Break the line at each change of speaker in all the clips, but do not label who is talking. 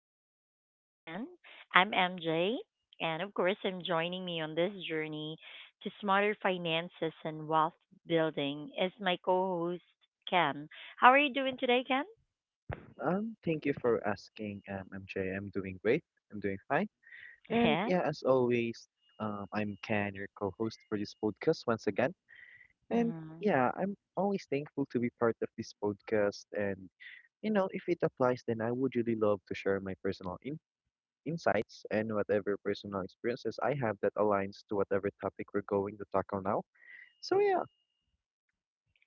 our podcast again. I'm MJ, and of course, I'm joining me on this journey to smarter finances and wealth building is my co host, Ken. How are you doing today, Ken?
Thank you for asking, MJ. I'm doing great. I'm doing fine. And
Yeah.
yeah, as always, I'm Ken, your co-host for this podcast once again. And
Mm,
yeah, I'm always thankful to be part of this podcast. And you know, if it applies, then I would really love to share my personal in insights and whatever personal experiences I have that aligns to whatever topic we're going to tackle now. So yeah,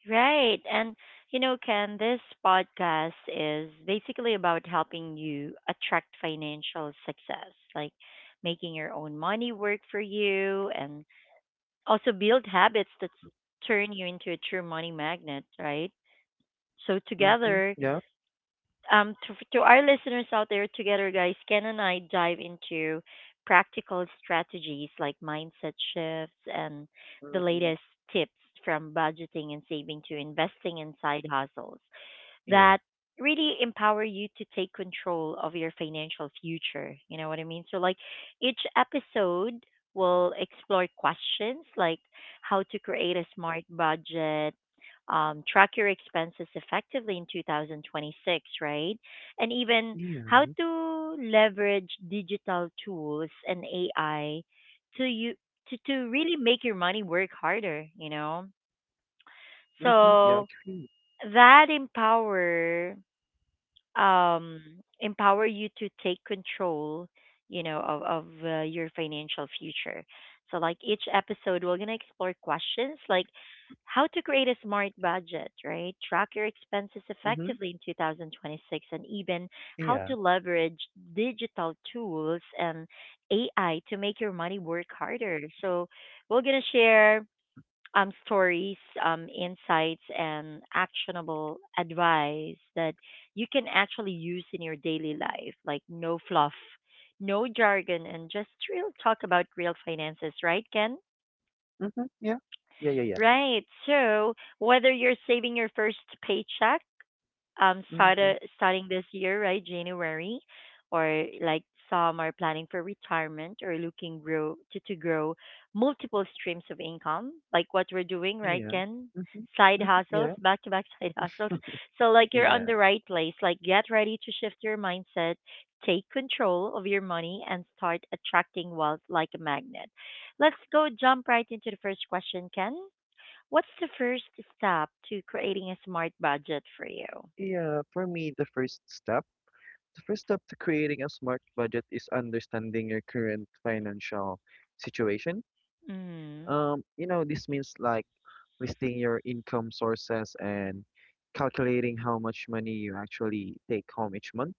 right. And you know, Ken, this podcast is basically about helping you attract financial success, like making your own money work for you and also, build habits that turn you into a true money magnet, right? So
mm-hmm,
together,
yeah,
to our listeners out there, together, guys, Ken and I dive into practical strategies like mindset shifts and the
mm-hmm,
latest tips from budgeting and saving to investing in side hustles
yeah,
that really empower you to take control of your financial future. You know what I mean? So, like, each episode will explore questions like how to create a smart budget, track your expenses effectively in 2026, right? And even how
yeah,
to leverage digital tools and AI to really make your money work harder, you know?
mm-hmm, yeah,
So
agree,
that empower um, empower you to take control, you know, of your financial future. So, like each episode, we're going to explore questions like how to create a smart budget, right? Track your expenses
mm-hmm,
effectively in 2026, and even how
yeah.
to leverage digital tools and AI to make your money work harder. So, we're going to share stories, insights, and actionable advice that you can actually use in your daily life. Like no fluff, no jargon, and just real talk about real finances, right, Ken?
Mhm, yeah. Yeah, yeah, yeah.
Right. So whether you're saving your first paycheck
Mhm,
started starting this year, right? January, or like some are planning for retirement or looking to grow multiple streams of income, like what we're doing, right,
yeah.
Ken?
Mhm,
Side
mhm,
hustles,
yeah,
back to back side hustles. So like you're on
yeah,
the right place. Like get ready to shift your mindset, take control of your money and start attracting wealth like a magnet. Let's go jump right into the first question, Ken. What's the first step to creating a smart budget for you?
yeah. For me, the first step to creating a smart budget is understanding your current financial situation.
Mhm.
You know, this means like listing your income sources and calculating how much money you actually take home each month.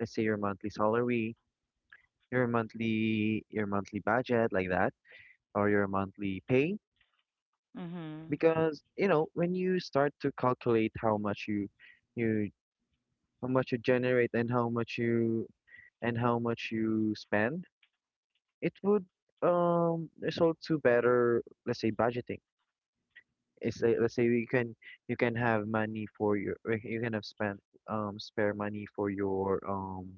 Let's say your monthly salary, your monthly budget like that, or your monthly pay,
Mhm.
because you know when you start to calculate how much you how much you generate and how much you and how much you spend, it would result to better, let's say, budgeting. It's like, let's say you can have money for your, or you can have spent spare money for your um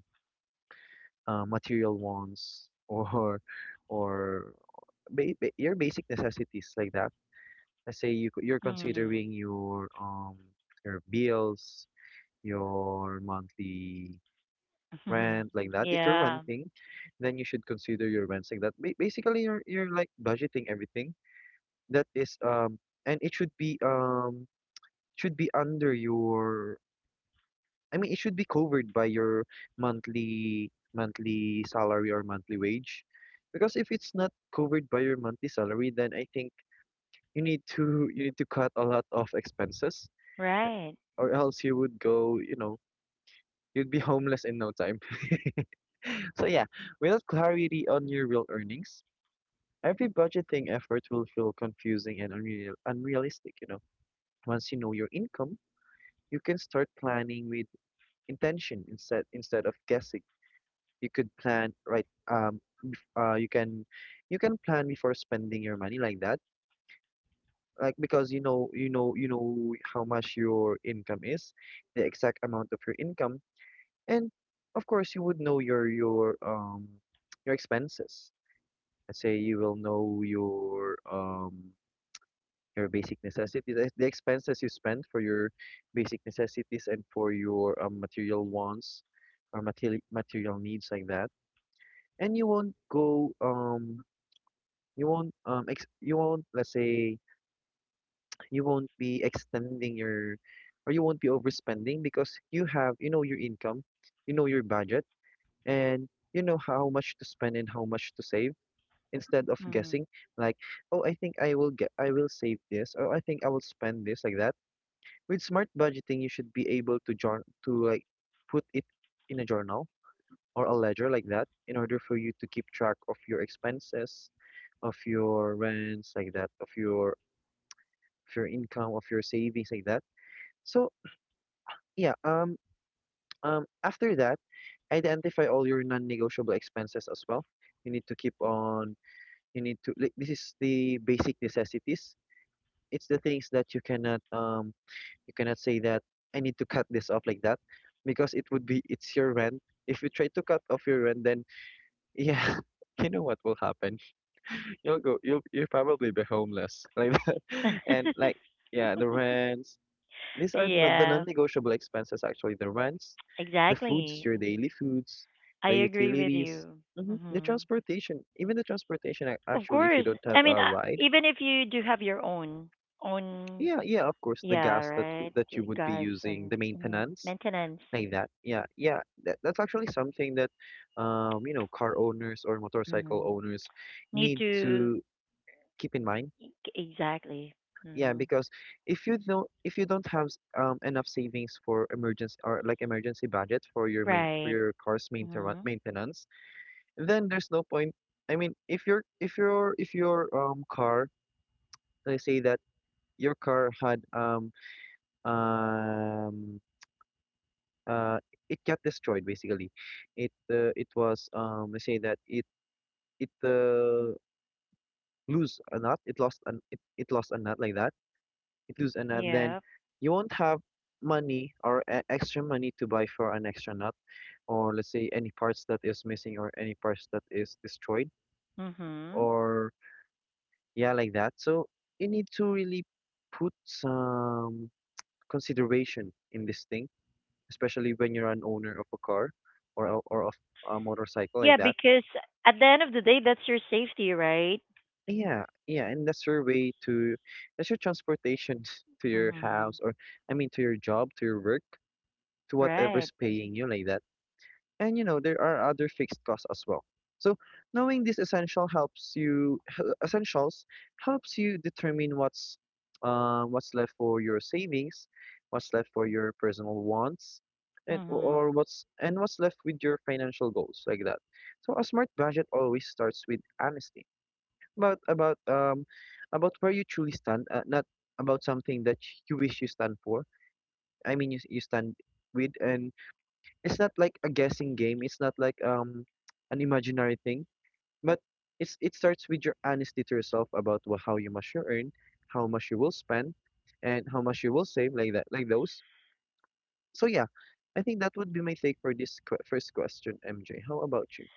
uh, material wants or your basic necessities like that. Let's say you're
Mhm.
considering your bills, your monthly rent like that. If you're
Yeah.
renting, then you should consider your rents like that. Basically, you're like budgeting everything that is and it should be under your, I mean it should be covered by your monthly salary or monthly wage. Because if it's not covered by your monthly salary, then I think you need to cut a lot of expenses,
Right.
or else you would go, you know, you'd be homeless in no time. So yeah, without clarity on your real earnings, every budgeting effort will feel confusing and unrealistic, you know. Once you know your income, you can start planning with intention instead of guessing. You could plan right uh you can you can plan before spending your money like that. Like, because you know you know how much your income is, the exact amount of your income, and of course you would know your your expenses. Let's say you will know your basic necessities, the expenses you spend for your basic necessities and for your material wants or material needs like that, and you won't go you won't you won't, let's say, you won't be extending your, or you won't be overspending because you have, you know your income, you know your budget, and you know how much to spend and how much to save instead of
Mhm.
guessing like, oh, I think I will get, I will save this, or I think I will spend this like that. With smart budgeting, you should be able to jour to like put it in a journal or a ledger like that in order for you to keep track of your expenses, of your rents like that, of your income, of your savings like that. So yeah, after that, identify all your non-negotiable expenses as well. You need to keep on, you need to like, this is the basic necessities. It's the things that you cannot say that I need to cut this off like that, because it would be, it's your rent. If you try to cut off your rent, then yeah, you know what will happen. You'll go, you'll probably be homeless like that. And like yeah, the rents. These are the
Yeah.
non-negotiable expenses actually. The rents, the foods,
Exactly.
your daily foods,
I
the
agree with
utilities,
you.
hmm, the
Mhm.
transportation, even the transportation
Of
actually. If you
course.
don't have
I mean,
a ride.
even if you do have your own own
Yeah, yeah, of course, the
yeah,
gas that
right?
that you would be
Gas
using, the
and mhm,
maintenance,
maintenance.
like that. Yeah, yeah, that's actually something that, you know, car owners or motorcycle
Mhm.
owners
Need
need
to
to keep in mind.
exactly.
Yeah,
Mhm.
because if you don't have enough savings for emergency, or like emergency budget for your main for
Right.
your car's
Mhm.
maintenance, then there's no point. I mean, if your if your car, let's say that your car had um uh, it got destroyed basically. It it was let's say that it lose a nut. It it lost a nut like that. It lose a nut. Then
Yeah.
you won't have money, or extra money to buy for an extra nut, or let's say any parts that is missing, or any parts that is destroyed,
Mhm.
or yeah like that. So you need to really put some consideration in this thing, especially when you're an owner of a car or of a motorcycle like
Yeah,
that.
because at the end of the day, that's your safety, right?
Yeah, yeah, and that's your way to, that's your transportation to your
Mm-hmm.
house, or I mean to your job, to your work, to
Right.
whatever's paying you like that. And you know, there are other fixed costs as well. So knowing these essential essentials helps you determine what's left for your savings, what's left for your personal wants, and
Mm-hmm.
or what's and what's left with your financial goals like that. So a smart budget always starts with honesty about about um about where you truly stand, not about something that you wish you stand for. I mean, you stand with, and it's not like a guessing game. It's not like an imaginary thing, but it starts with your honesty to yourself about how you must you earn, how much you will spend, and how much you will save, like that, like those. So yeah, I think that would be my take for this first question, MJ. How about you?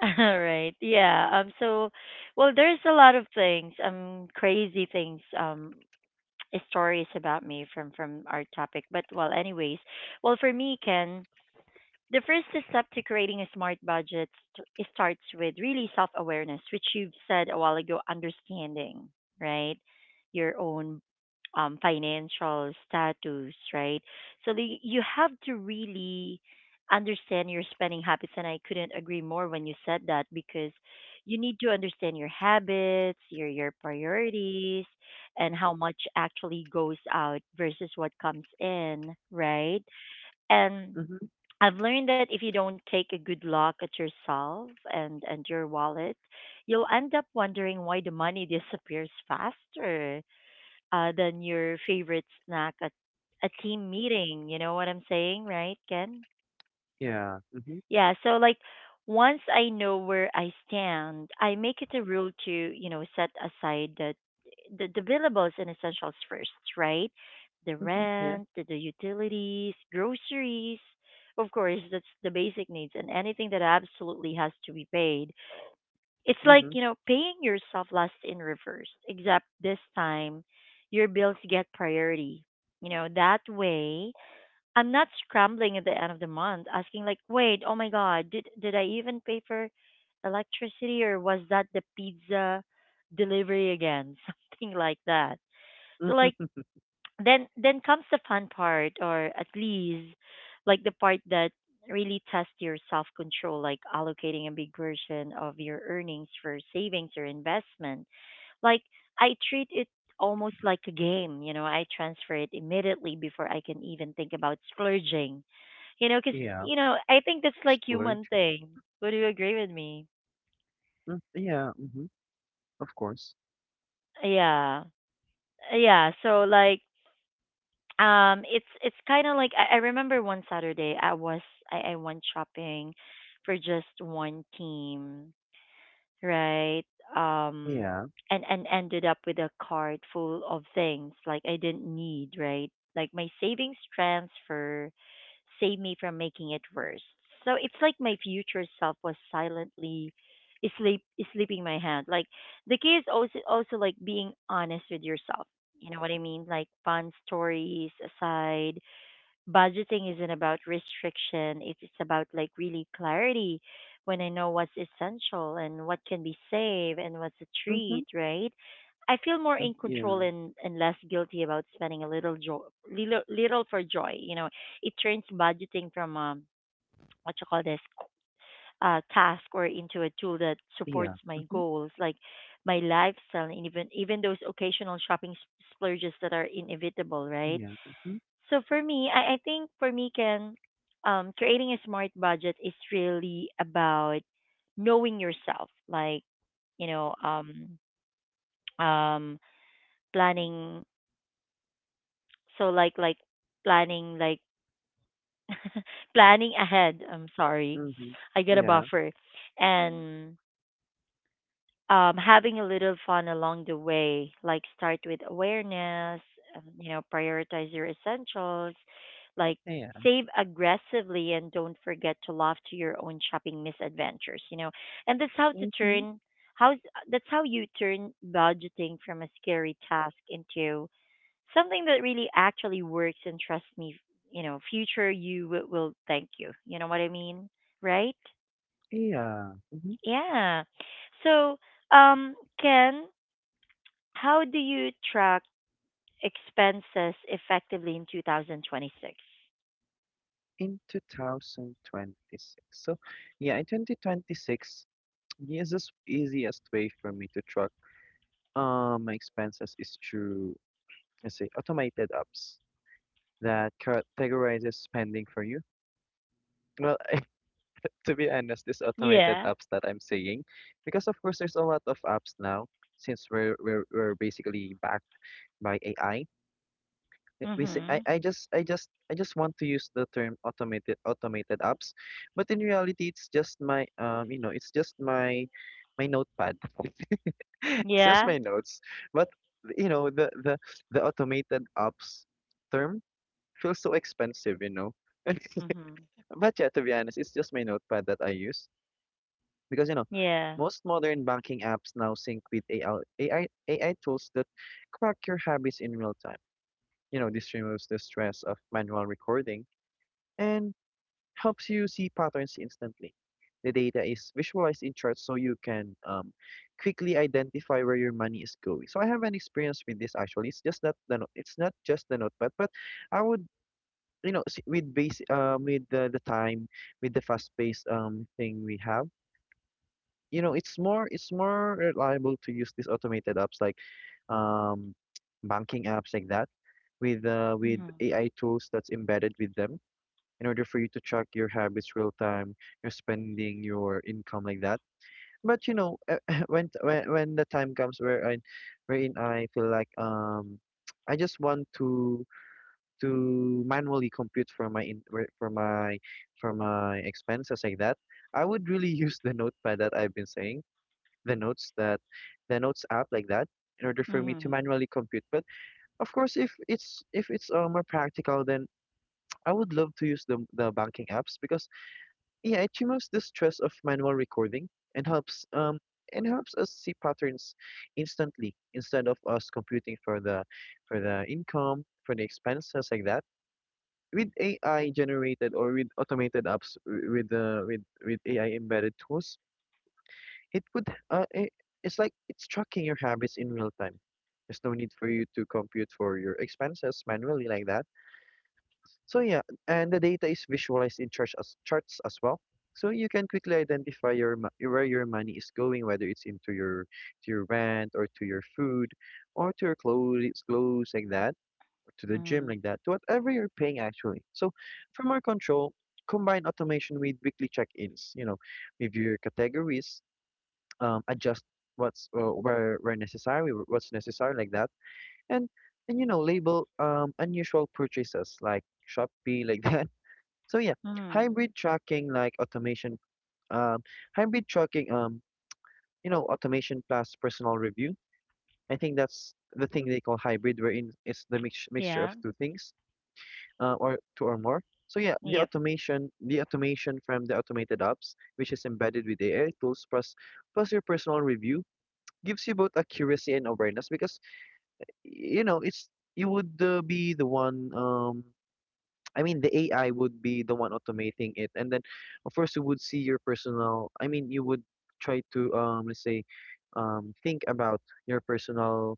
All right. Yeah. So, well, there's a lot of things, crazy things, stories about me from our topic. But well, anyways, well, for me, Ken. The first step to creating a smart budget it starts with really self awareness, which you've said a while ago, understanding, right? Your own financial status, right? So the, you have to really understand your spending habits. And I couldn't agree more when you said that because you need to understand your habits, your priorities, and how much actually goes out versus what comes in, right? And
Mm-hmm.
I've learned that if you don't take a good look at yourself and your wallet, you'll end up wondering why the money disappears faster than your favorite snack at a team meeting. You know what I'm saying, right, Ken?
Yeah. Mm-hmm.
Yeah, so like once I know where I stand, I make it a rule to, you know, set aside the billables and essentials first, right? The
Mm-hmm. Yeah.
rent, the utilities, groceries, of course, that's the basic needs and anything that absolutely has to be paid. It's like,
Mm-hmm.
you know, paying yourself last in reverse, except this time your bills get priority. You know, that way I'm not scrambling at the end of the month asking like, wait, oh my God, did I even pay for electricity or was that the pizza delivery again? Something like that. So like
Mm-hmm.
then comes the fun part or at least like the part that really tests your self control, like allocating a big version of your earnings for savings or investment like I treat it almost like a game, you know. I transfer it immediately before I can even think about splurging. You know. Because
Yeah.
you know, I think that's like human
Splurge.
thing. Would you agree with me?
Mm, yeah, mhm, of course.
Yeah. Yeah, so like it's kind of like I remember one Saturday I was I went shopping for just one team, right? Um,
Yeah.
and ended up with a cart full of things like I didn't need, right? Like my savings transfer saved me from making it worse. So it's like my future self was silently sleep sleeping my hand. Like the key is also like being honest with yourself. You know what I mean? Like fun stories aside, budgeting isn't about restriction. It's about like really clarity when I know what's essential and what can be saved and what's a treat,
Mhm.
right? I feel more
Mm,
in control
yeah.
and less guilty about spending a little joy, little for joy. You know, it turns budgeting from what you call this task or into a tool that supports
Yeah.
my
Mhm.
goals, like my lifestyle, and even those occasional splurges that are inevitable, right?
Yeah. Mhm.
So for me, I think for me, Ken, creating a smart budget is really about knowing yourself. Like, you know, um, planning. So planning, like planning ahead. I'm sorry,
Mhm.
I get a
Yeah.
buffer, mm and having a little fun along the way, like start with awareness, you know, prioritize your essentials, like
Yeah.
save aggressively and don't forget to laugh to your own shopping misadventures, you know. And
Mhm.
how's that's how you turn budgeting from a scary task into something that really actually works and trust me, you know, future you will thank you. You know what I mean? Right?
Yeah. Mhm.
Yeah. So, um, Ken, how do you track expenses effectively in 2026?
In 2026. So yeah, in 2026, easiest way for me to track my expenses is through, let's say, automated apps that categorizes spending for you. Well, to be honest, these automated
Yeah.
apps that I'm saying, because of course there's a lot of apps now since we're basically backed by AI.
Mhm.
I just want to use the term automated apps, but in reality it's just my you know it's just my my notepad, it's just
Yeah.
my notes. But you know the automated apps term feels so expensive, you know.
Mhm.
But yeah, to be honest, it's just my notepad that I use. Because, you know,
Yeah.
most modern banking apps now sync with AI tools that track your habits in real time. You know, this removes the stress of manual recording and helps you see patterns instantly. The data is visualized in charts so you can quickly identify where your money is going. So I have an experience with this actually. It's just not the no- it's not just the notepad, but I would, you know, with base with the time, with the fast paced thing we have, you know, it's more, it's more reliable to use these automated apps like um, banking apps like that with
Mhm.
AI tools that's embedded with them in order for you to track your habits real time, your spending, your income like that. But you know, when the time comes where I wherein I feel like I just want to manually compute for my for my for my expenses like that, I would really use the notepad that I've been saying, the notes that, the notes app like that, in order for me to
Mhm.
manually compute. But of course, if it's more practical, then I would love to use the banking apps, because yeah, it removes the stress of manual recording and helps um and helps us see patterns instantly, instead of us computing for the income for the expenses like that. With AI generated, or with automated apps with the with AI embedded tools, it would, it's like it's tracking your habits in real time. There's no need for you to compute for your expenses manually like that. So yeah, and the data is visualized in charts as well. So you can quickly identify your where your money is going, whether it's into your to your rent, or to your food, or to your clothes like that, or to the gym
Mhm.
like that, to whatever you're paying actually. So for more control, combine automation with weekly check-ins. You know, review your categories, adjust what's where necessary, wh- what's necessary like that, and and you know label unusual purchases like Shopee like that. So yeah,
Mhm.
hybrid tracking like automation, um, hybrid tracking you know automation plus personal review. I think that's the thing they call hybrid, wherein it's the mixture of
Yeah.
two things, or two or more. So yeah, the
Yep.
automation, from the automated apps, which is embedded with AI tools, plus your personal review gives you both accuracy and awareness because you know it's you would be the one I mean the AI would be the one automating it, and then of course you would see your personal, I mean you would try to let's say think about your personal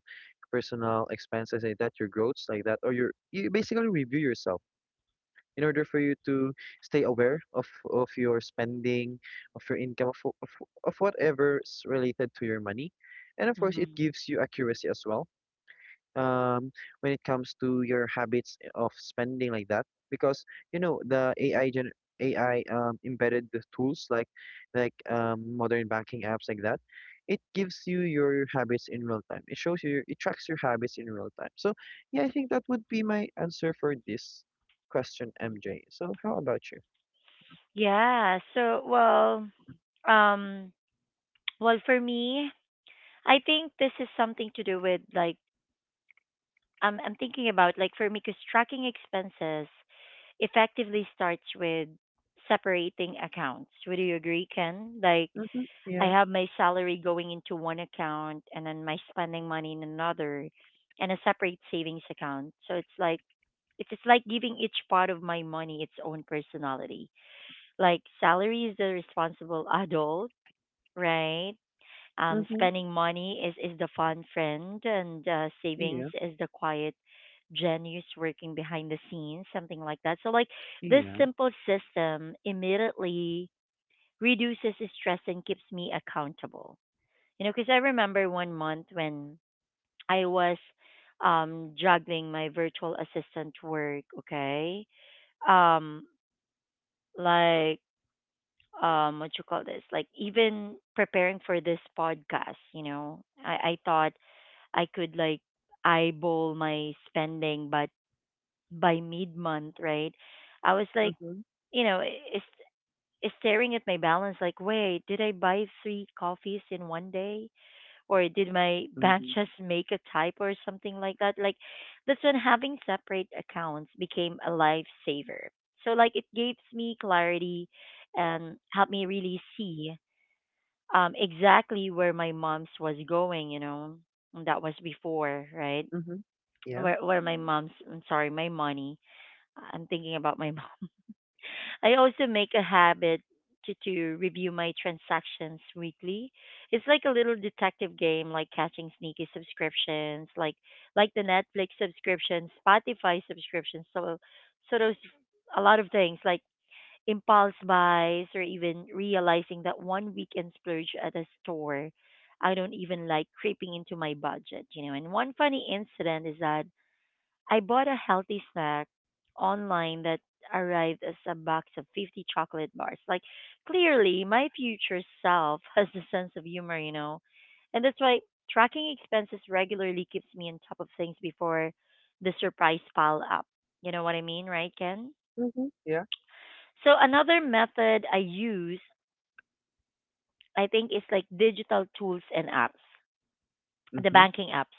personal expenses like that, your growths like that, or your, you basically review yourself in order for you to stay aware of your spending, of your income, of whatever's related to your money. And of course, it
Mhm.
gives you accuracy as well um, when it comes to your habits of spending like that, because you know the AI, gen AI, embedded the tools like modern banking apps like that. It gives you your habits in real time, it tracks your habits in real time. So yeah, I think that would be my answer for this question, MJ. So how about you?
Yeah. So, well, um, for me, I think this is something to do with like I'm thinking about like for me, because tracking expenses effectively starts with separating accounts. Would you agree, Ken? Like
Mm-hmm.
I
Yeah.
have my salary going into one account and then my spending money in another and a separate savings account. So it's just like giving each part of my money its own personality. Like salary is the responsible adult, right?
Mm-hmm.
Spending money is the fun friend, and savings
Yeah.
is the quiet genius working behind the scenes, something like that. So like this
Yeah.
simple system immediately reduces stress and keeps me accountable, you know, because I remember one month when I was juggling my virtual assistant work, okay? Um like what you call this? Like even preparing for this podcast, you know, I thought I could like eyeball my spending but by mid month, right? I was like,
Mm-hmm.
you know, is staring at my balance like, wait, did I buy three coffees in one day? Or did my bank
Mm-hmm.
just make a typo or something like that? Like that's when having separate accounts became a lifesaver. So like it gives me clarity and helped me really see exactly where my mom's was going, you know. And that was before, right?
Mm-hmm. Yeah.
Where my mom's, I'm sorry, my money. I'm thinking about my mom. I also make a habit to review my transactions weekly. It's like a little detective game, like catching sneaky subscriptions, like the Netflix subscription, Spotify subscription. So those, a lot of things like impulse buys or even realizing that one weekend splurge at a store I don't even like creeping into my budget, you know. And one funny incident is that I bought a healthy snack online that arrived as a box of 50 chocolate bars. Like, clearly, my future self has a sense of humor, you know? And that's why tracking expenses regularly keeps me on top of things before the surprise pile up. You know what I mean, right, Ken?
Mm-hmm. Yeah.
So, another method I use, I think, is like digital tools and apps, the
Mm-hmm.
banking apps.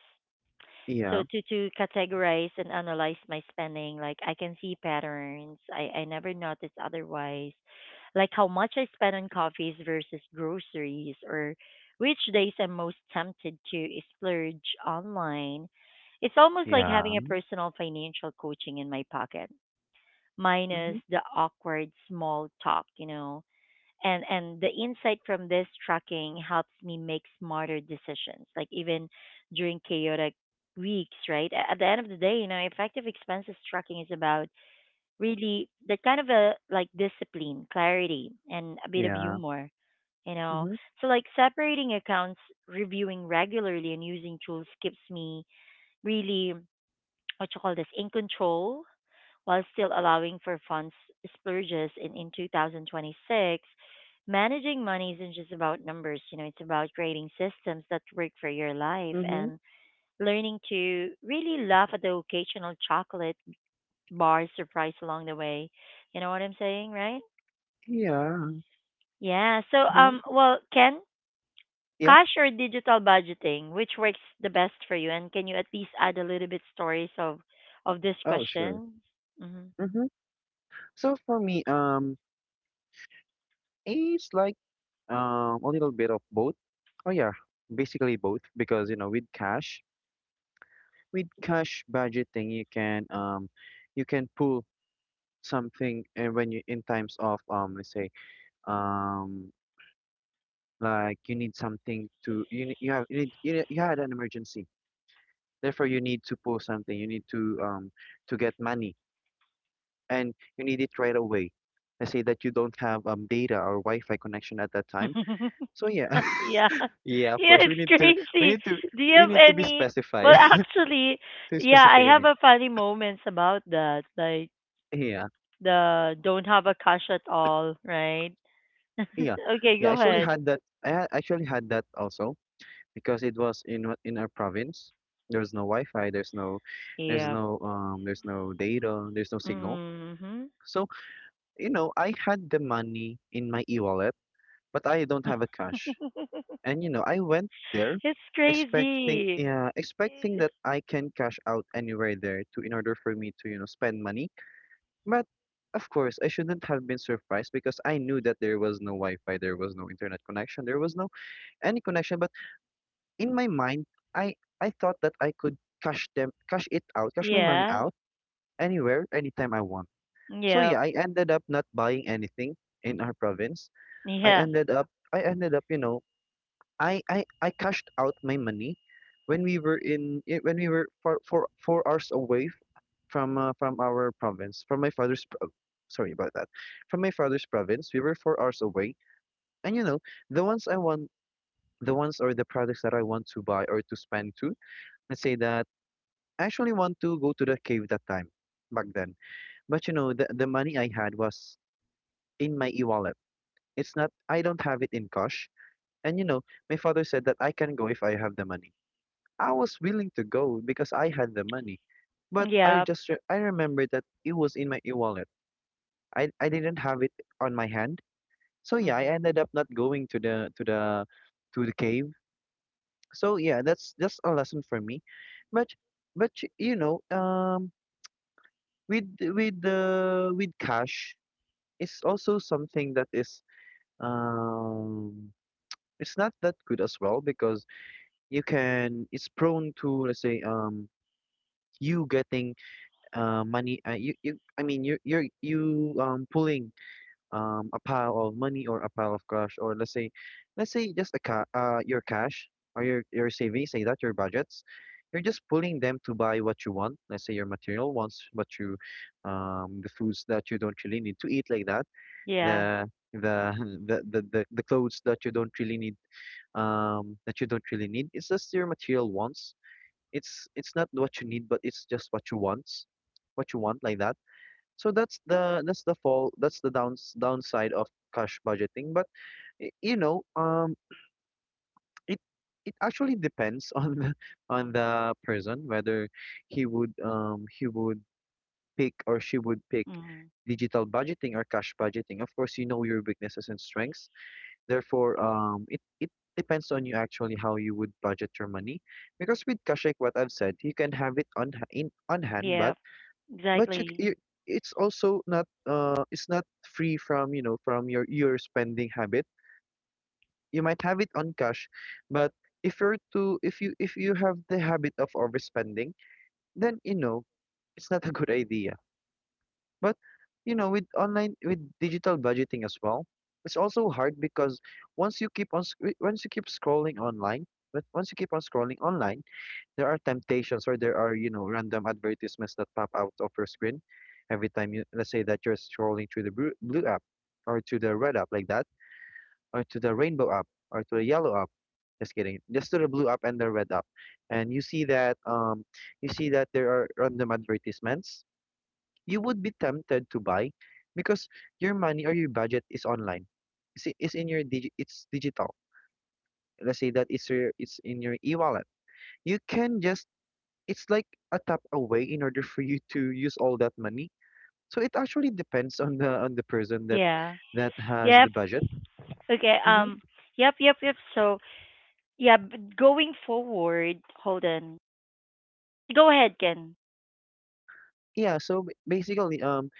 So
Yeah.
to categorize and analyze my spending, like, I can see patterns I never noticed otherwise, like how much I spend on coffees versus groceries, or which days I'm most tempted to splurge online. It's almost like
Yeah.
having a personal financial coaching in my pocket,
Mm-hmm.
minus the awkward small talk, you know. And the insight from this tracking helps me make smarter decisions, like even during chaotic weeks, right? At the end of the day, you know, effective expenses tracking is about really that kind of a, like, discipline, clarity, and a bit of
Yeah.
humor, you know.
Mhm.
So, like, separating accounts, reviewing regularly, and using tools keeps me really, what you call this, in control, while still allowing for funds splurges. And in 2026, managing money isn't just about numbers, you know, it's about creating systems that work for your life
Mhm.
and learning to really laugh at the occasional chocolate bar surprise along the way. You know what I'm saying, right?
Yeah.
Yeah. So,
Mhm.
um, well, Ken,
Yeah.
cash or digital budgeting, which works the best for you? And can you at least add a little bit stories of this
Oh, sure.
question? Mm-hmm.
Mhm. So for me, it's like a little bit of both. Oh yeah, basically both, because you know with cash budgeting, you can, you can pull something. And when you, in times of let's say um, like you need something to, you have, you need, you, you had an emergency. Therefore, you need to pull something. You need to get money, and you need it right away. Let's say that you don't have data or Wi-Fi connection at that time. So yeah,
Yeah.
yeah, of
Yeah,
course
it's
we need to, we
crazy.
need to
Do you
we
have
need to be
any? well
specified,
actually,
to
yeah, I
specific. I
have
mean,
a funny moments about that. Like,
yeah,
the don't have a cash at all, right?
yeah,
Okay,
yeah. I
go
actually
ahead.
had that. Actually had that also, because it was in, in our province. There's no Wi-Fi.
Yeah.
There's no data. There's no signal.
Mhm.
So you know, I had the money in my e-wallet, but I don't have a cash. And you know, I went there
It's crazy.
expecting that I can cash out anywhere there to, in order for me to, you know, spend money. But of course, I shouldn't have been surprised, because I knew that there was no Wi-Fi, there was no internet connection, there was no any connection. But in my mind, I I thought that I could cash it out, cash my money
Yeah.
out anywhere, anytime I want. So
Yeah.
yeah, I ended up not buying anything in our province. I
Yeah.
ended up I ended up, you know, I cashed out my money when we were in, eh, when we were four four four hours away, from our province, from my father's pro- sorry about that, from my father's province. We were 4 hours away, and you know, the ones I want, the ones or the products that I want to buy or to spend to. Let's say that I actually want to go to the cave that time back then. But you know, the money I had was in my e-wallet. It's not, I don't have it in cash. And you know, my father said that I can go if I have the money. I was willing to go because I had the money. But I
Yeah.
just, I remembered that it was in my e-wallet. I didn't have it on my hand. So yeah, I
Mhm.
ended up not going to the, to the cave. So yeah, that's, a lesson for me. But, you know, with, with cash, it's also something that is um it's not that good as well, because you can it's prone to, let's say, you getting money. I mean, you're you pulling a pile of money or a pile of cash, or let's say just a, ca your cash, or your savings, say that your budgets, you're just pulling them to buy what you want. Let's say your material wants, what you, the foods that you don't really need to eat like that.
Yeah.
The the the clothes that you don't really need, that you don't really need, it's just your material wants. It's not what you need, but it's just what you want, what you want, like that. So that's the, that's the fall that's the, downside of cash budgeting. But, you know, it, actually depends on the, person whether he would pick, or she would pick,
Mhm.
digital budgeting or cash budgeting. Of course, you know your weaknesses and strengths. Therefore, it depends on you, actually, how you would budget your money. Because with cash, like what I've said, you can have it on, ha- in on hand.
Yeah.
But, you,
Exactly.
it's also not, it's not free from, you know, from your, spending habit. You might have it on cash, but if you're to, if you have the habit of overspending, then you know, it's not a good idea. But you know, with online, with digital budgeting as well, it's also hard because once you keep on, once you keep scrolling online. But once you keep on scrolling online, there are temptations, or there are, you know, random advertisements that pop out of your screen every time you, let's say that you're scrolling through the blue app, or to the red app, like that, or to the rainbow app, or to the yellow app. Just kidding. Just to the blue app and the red app. And you see that, you see that there are random advertisements. You would be tempted to buy, because your money or your budget is online. It's in your, it's digital. Let's say that it's your, it's in your e-wallet. You can just, it's like a tap away in order for you to use all that money. So it actually depends on the, person that
Yeah.
has the
Yep.
budget.
Okay.
Hmm.
Yep. Yep. Yep. So, yeah, but going forward, hold on. Just go ahead, Ken.
Yeah. So, basically, um,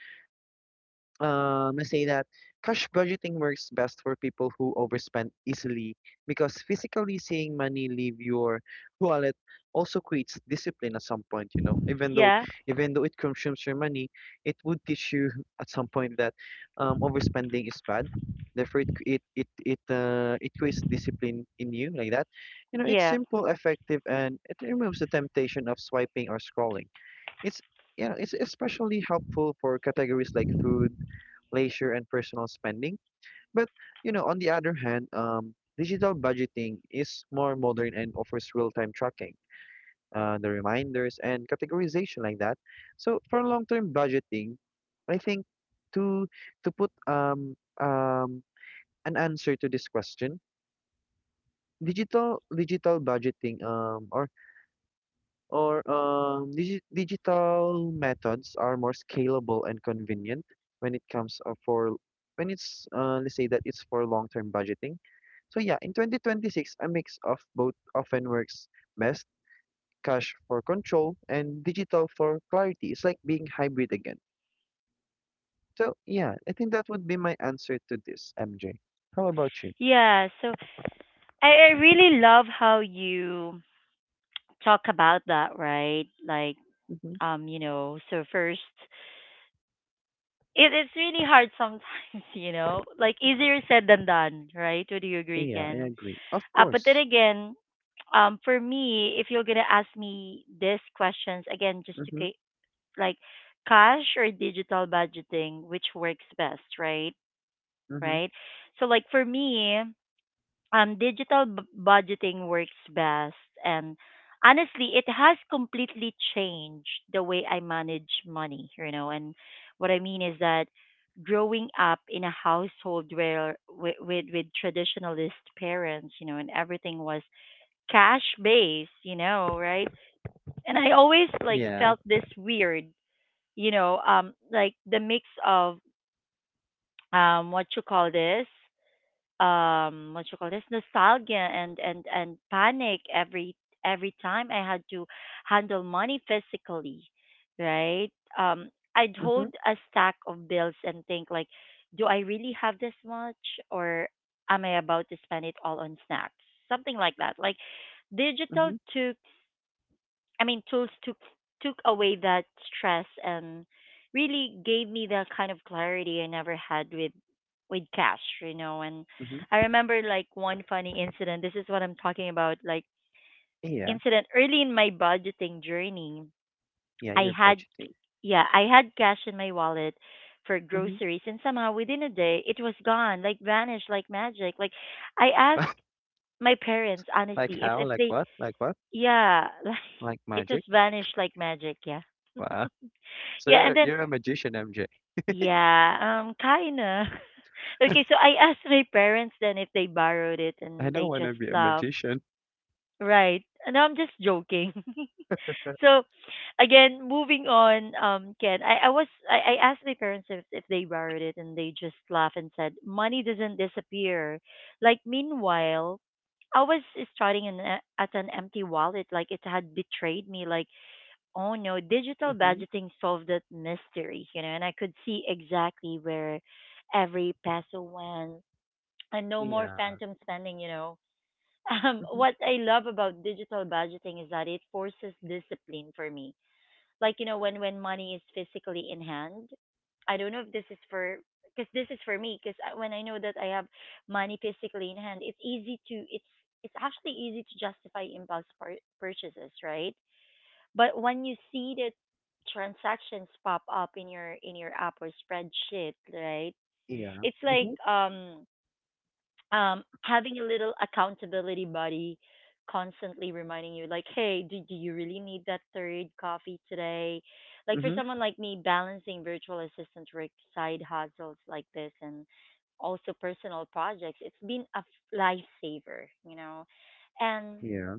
um, let's say that cash budgeting works best for people who overspend easily, because physically seeing money leave your wallet also creates discipline at some point, you know. Even though,
Yeah,
it consumes your money, it would teach you, at some point, that overspending is bad. Therefore, it c- it, it creates discipline in you like that. You know, it's
yeah,
simple, effective, and it removes the temptation of swiping or scrolling. It's, especially helpful for categories like food, leisure, and personal spending. But you know, on the other hand, digital budgeting is more modern and offers real-time tracking, the reminders and categorization like that. So for long-term budgeting, I think, to, put, an answer to this question, digital budgeting, or, digital methods are more scalable and convenient when it comes, for when it's let's say that it's for long-term budgeting. So yeah, in 2026, a mix of both often works best, cash for control and digital for clarity. It's like being hybrid again. So yeah, I think that would be my answer to this, MJ. How about you?
yeah. So I really love how you talk about that, right? Like,
Mm-hmm.
you know, so first, it's really hard sometimes, you know, like easier said than done, right? Would you agree,
Yeah, I
Ken?
agree. Of
But then
course.
again, for me, if you're gonna ask me these questions again, just to
Mm-hmm.
like cash or digital budgeting, which works best, right?
Mm-hmm.
Right? So like for me, um, digital budgeting works best, and honestly, it has completely changed the way I manage money, you know. And what I mean is that growing up in a household where with traditionalist parents, you know, and everything was cash based, you know, right? And I always like
Yeah.
felt this weird, you know, um, like the mix of um, what you call this? Um, what you call this, nostalgia and panic every time I had to handle money physically, right? Um, I'd
Mm-hmm.
hold a stack of bills and think like, do I really have this much, or am I about to spend it all on snacks, something like that. Like digital
Mm-hmm.
took, I mean, tools took took away that stress and really gave me that kind of clarity I never had with cash, you know. And
Mm-hmm.
I remember, like, one funny incident. This is what I'm talking about, like
Yeah.
incident, early in my budgeting journey.
Yeah,
I
you're
had,
budgeting.
yeah, I had cash in my wallet for
Hmm.
groceries, and somehow within a day it was gone, like vanished like magic. Like, I asked my parents
Like
honestly
how?
if
Like
they,
what? Like what?
yeah, like
Like
it
magic?
just vanished like magic, yeah.
Wow. So
Yeah, and
you're,
then,
you're a magician, MJ.
yeah, kinda. Okay, so I asked my parents then if they borrowed it,
I
and
don't
they
want to
just
be a
laughed.
magician.
Right. And I'm just joking. So, again, moving on, Ken, I asked my parents if they borrowed it, and they just laughed and said, "Money doesn't disappear." Like, meanwhile, I was starting an, at an empty wallet, like it had betrayed me. Like, oh no, digital
Hmm.
budgeting solved that mystery, you know, and I could see exactly where every peso went, and no more
Yeah.
phantom spending, you know.
Hmm.
What I love about digital budgeting is that it forces discipline for me. Like, you know, when money is physically in hand, I don't know if this is for, because this is for me, because when I know that I have money physically in hand, it's easy to, it's actually easy to justify impulse purchases, right? But when you see the transactions pop up in your app or spreadsheet, right?
Yeah.
It's like,
Hmm.
um, um, having a little accountability buddy constantly reminding you like, hey, do you really need that third coffee today? Like, for
Hmm.
someone like me, balancing virtual assistant work, side hustles like this, and also personal projects, it's been a lifesaver, you know. And
Yeah.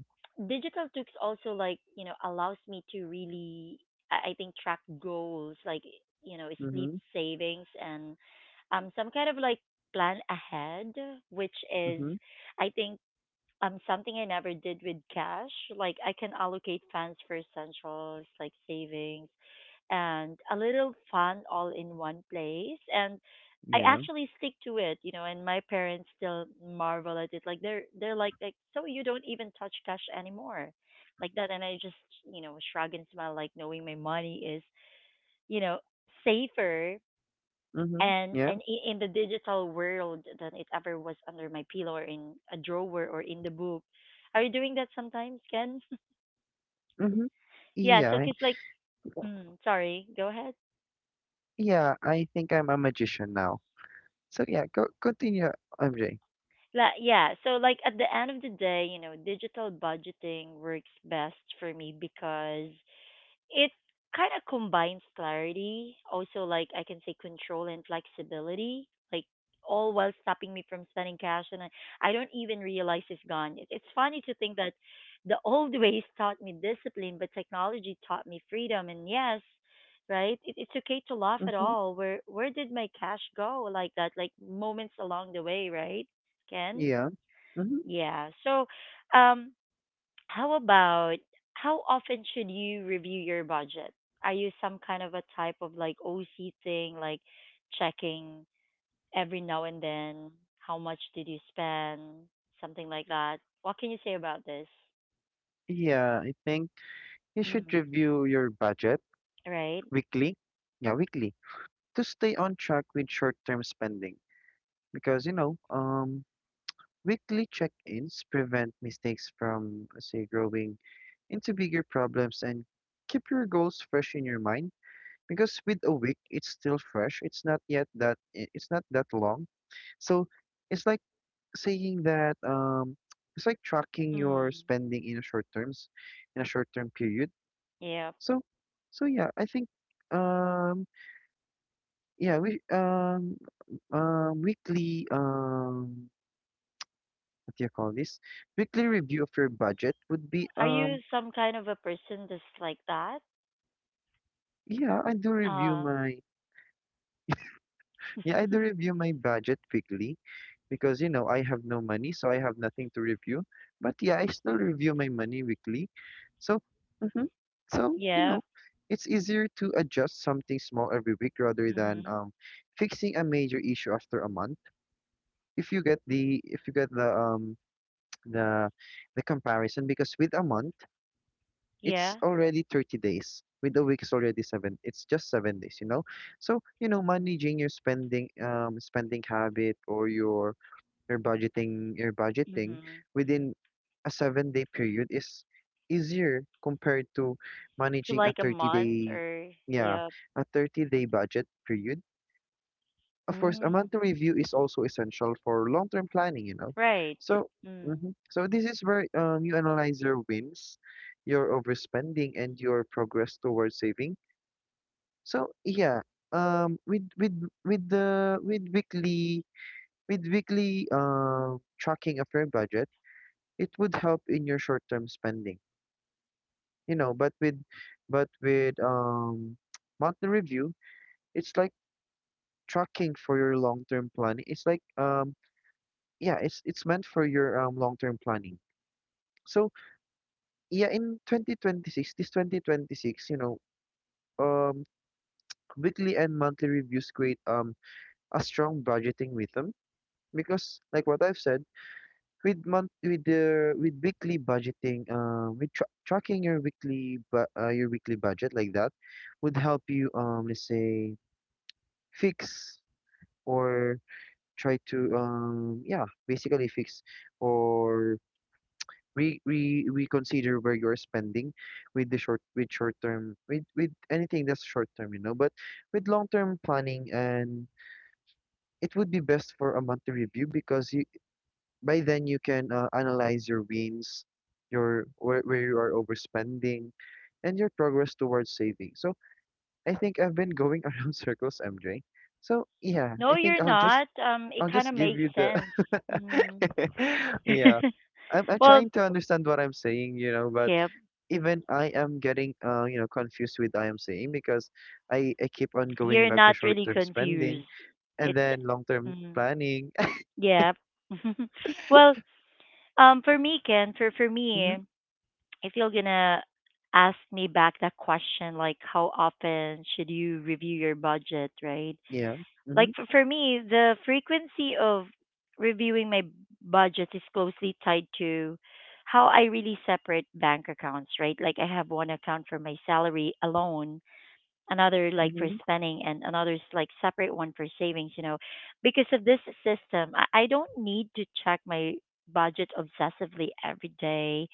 digital tools also, like, you know, allows me to really, I think, track goals, like, you know,
Hmm.
split
Hmm.
savings, and um, some kind of like plan ahead, which is, I think, um, something I never did with cash. Like, I can allocate funds for essentials like savings and a little fun all in one place, and I
Yeah.
actually stick to it, you know, and my parents still marvel at it. Like, they're like, so you don't even touch cash anymore. Like that, and I just, you know, shrug and smile, like knowing my money is, you know, safer
Hmm.
and
Yeah.
and in the digital world than it ever was under my pillow or in a drawer or in the book. Are you doing that sometimes, Ken?
Hmm.
Yeah,
Yeah.
so cause like, mm, sorry, go ahead.
Yeah. I think I'm a magician now. So yeah, go continue, MJ.
Yeah, so like, at the end of the day, you know, digital budgeting works best for me, because it kind of combines clarity, also like I can say control and flexibility, like, all while stopping me from spending cash, and I don't even realize it's gone. It's funny to think that the old ways taught me discipline, but technology taught me freedom. And yes, right, it's okay to laugh at
Hmm.
all. Where did my cash go? Like that, like, moments along the way, right, Ken?
Yeah. Hmm.
Yeah. So, um, how about how often should you review your budget? Are you some kind of a type of like OC thing, like checking every now and then how much did you spend, something like that? What can you say about this?
Yeah. I think you should
Mm,
review your budget
right?
weekly. Yeah, weekly. To stay on track with short-term spending because weekly check-ins prevent mistakes from let's say growing into bigger problems and keep your goals fresh in your mind because with a week it's still fresh. It's not yet that it's not that long. So it's like saying that, it's like tracking your
Mm,
spending in a short term period.
yeah.
So so, yeah, I think, um yeah we weekly, what do you call this? Weekly review of your budget would be,
Are you some kind of a person that's like that?
yeah, I do review
Uh,
my, yeah, I do review my budget weekly because, you know, I have no money, so I have nothing to review. But yeah, I still review my money weekly. So, mm-hmm. So, you
yeah.
know, it's easier to adjust something small every week rather than
Mm-hmm.
fixing a major issue after a month. If you get the the the comparison because with a month it's
Yeah.
already 30 days. With a week is already seven, it's just 7 days, you know. So, you know, managing your spending, spending habit, or your your budgeting
Mm-hmm.
within a 7-day period is easier compared to
To
managing a
like a
30
month
day,
or,
yeah,
yeah.
a 30-day budget period. Of course, a
Mm,
monthly review is also essential for long-term planning, you know.
right.
So, hmm,
Mm.
so this is where, you analyze your wins, your overspending, and your progress towards saving. So yeah, um, with with with weekly, tracking of your budget, it would help in your short-term spending, you know. But with monthly review, it's like tracking for your long-term planning. It's like, yeah, it's meant for your, long-term planning. So yeah, in 2026, this 2026, you know, um, weekly and monthly reviews create, a strong budgeting rhythm because, like what I've said, with weekly budgeting, with tra tracking your weekly, but your weekly budget like that would help you, let's say fix, or try to, yeah, basically fix, or we consider where you're spending with short term, with anything that's short term, you know. But with long term planning, and it would be best for a monthly review because you, by then you can, analyze your wins, your where you are overspending, and your progress towards saving. So I think I've been going around circles, MJ. So yeah,
No,
I think
you're
I'll just,
not. It
I'll
kind
just
of
give
makes
you the
sense. Hmm.
yeah. I'm
Well,
trying to understand what I'm saying, you know. But
yeah,
even I am getting, you know, confused with I am saying because I keep on going
you're
back to
not
short
really
term spending
confused.
and
It's,
then long term
mm,
planning.
yeah. Well, for me, Ken, for
Hmm.
me, if you're gonna ask me back that question, like, how often should you review your budget, right?
Yeah.
Like,
Mm-hmm.
for me, the frequency of reviewing my budget is closely tied to how I really separate bank accounts, right? Like, I have one account for my salary alone, another like for
Mm-hmm.
spending, and another's like separate one for savings, you know. Because of this system, I don't need to check my budget obsessively every day.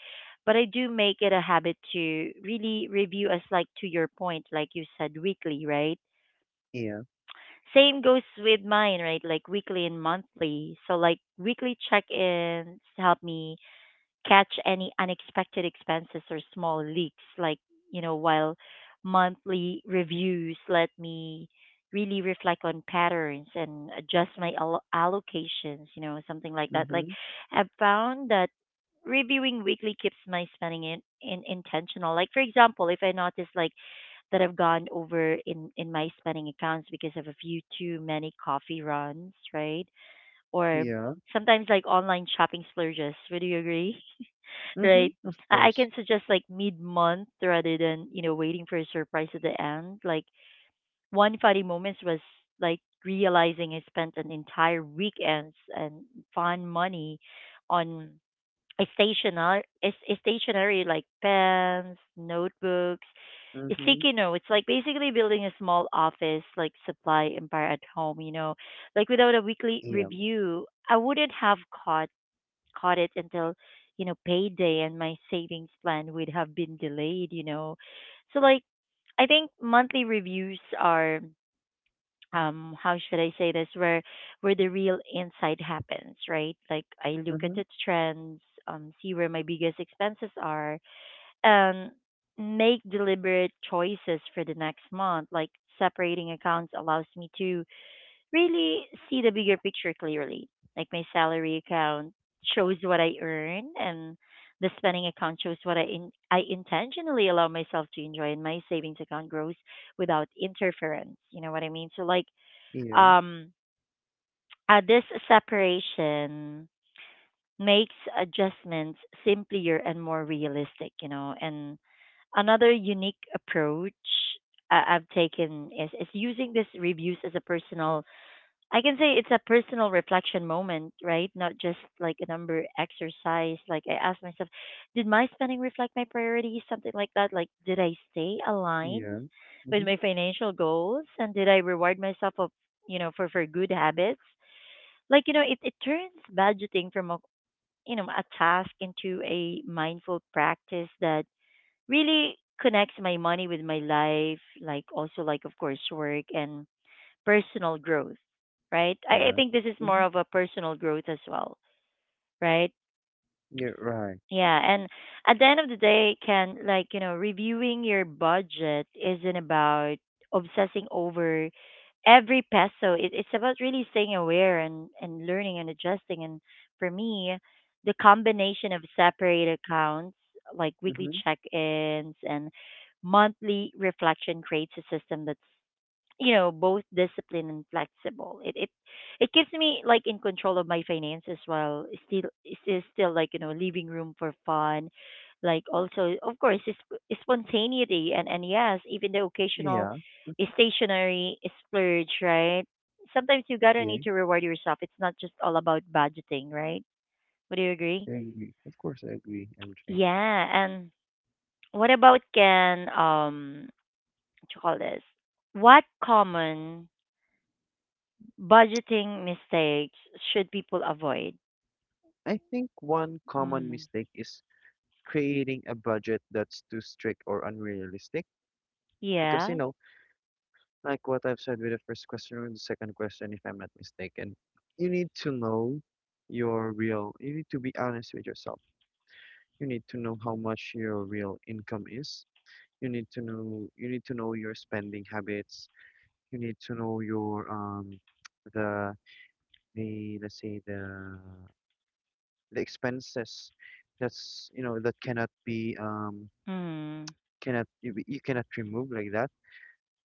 But I do make it a habit to really review, as like to your point, like you said, weekly, right?
Yeah.
Same goes with mine, right? Like weekly and monthly. So like, weekly check-ins help me catch any unexpected expenses or small leaks, like, you know, while monthly reviews let me really reflect on patterns and adjust my allocations, you know, something like that. Like,
Mm-hmm.
I've found that reviewing weekly keeps my spending in intentional. Like for example, if I notice like that I've gone over in my spending accounts because of a few too many coffee runs, right? Or
Yeah.
sometimes like online shopping splurges. Would you agree?
Mm-hmm.
Right?
Of
I
course.
can suggest like mid month, rather than, you know, waiting for a surprise at the end. Like, one funny moment was like realizing I spent an entire weekends and fun money on a stationery, like pens, notebooks,
Mm-hmm.
Isikino, it's like basically building a small office, like, supply empire at home, you know. Like, without a weekly
Yeah.
review, I wouldn't have caught caught it until, you know, payday, and my savings plan would have been delayed, you know. So like, I think monthly reviews are, um, how should I say this, where the real insight happens, right? Like, I look at
Mm-hmm.
the trends, um, see where my biggest expenses are and make deliberate choices for the next month. Like, separating accounts allows me to really see the bigger picture clearly. Like, my salary account shows what I earn, and the spending account shows what I intentionally allow myself to enjoy, and my savings account grows without interference, you know what I mean? So like,
Yeah.
um, this separation makes adjustments simpler and more realistic, you know. And another unique approach I've taken is using these reviews as a personal, I can say it's a personal reflection moment, right? Not just like a number exercise. Like, I ask myself, did my spending reflect my priorities? Something like that. Like, did I stay aligned
Yeah.
with
Mm-hmm.
my financial goals? And did I reward myself of, you know, for good habits? Like, you know, it turns budgeting from a, you know, a task into a mindful practice that really connects my money with my life, like also like of course work and personal growth, right? I
Yeah.
think this is more
Mm-hmm.
of a personal growth as well, right?
You're right.
Yeah, and at the end of the day, can like, you know, reviewing your budget isn't about obsessing over every peso. It's about really staying aware and learning and adjusting. And for me, the combination of separate accounts like weekly
Mm-hmm.
check-ins and monthly reflection creates a system that's both disciplined and flexible. It keeps me, like, in control of my finances while still, like, leaving room for fun. Like, also, of course, it's spontaneity, and yes, even the occasional
Yeah.
stationary splurge, right? Sometimes you gotta
Yeah.
need to reward yourself. It's not just all about budgeting, right? Would you agree?
I agree. Of course, I agree, MJ.
Yeah. And what about can, what you call this what common budgeting mistakes should people avoid?
I think one common
Mm.
mistake is creating a budget that's too strict or unrealistic because, you
Yeah.
know, like what I've said with the first question or the second question, if I'm not mistaken, you need to know your real, you need to be honest with yourself. You need to know how much your real income is. You need to know, you need to know your spending habits. You need to know your, the the, let's say, the expenses that's you know, that cannot be,
Mm.
cannot, you, you cannot remove like that.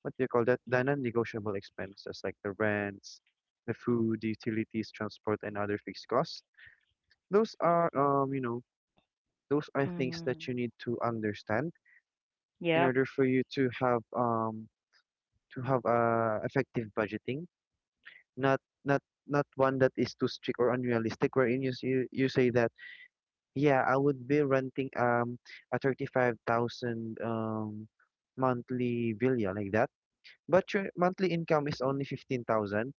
What do you call that? The non-negotiable expenses like the rents, the food, the utilities, transport, and other fixed costs. Those are, you know, those are things that
Mm.
you need to understand in
Yep.
order for you to have, to have, effective budgeting. Not, not, not one that is too strict or unrealistic, wherein you you, you say that, yeah, I would be renting, a 35,000, monthly villa like that, but your monthly income is only 15,000.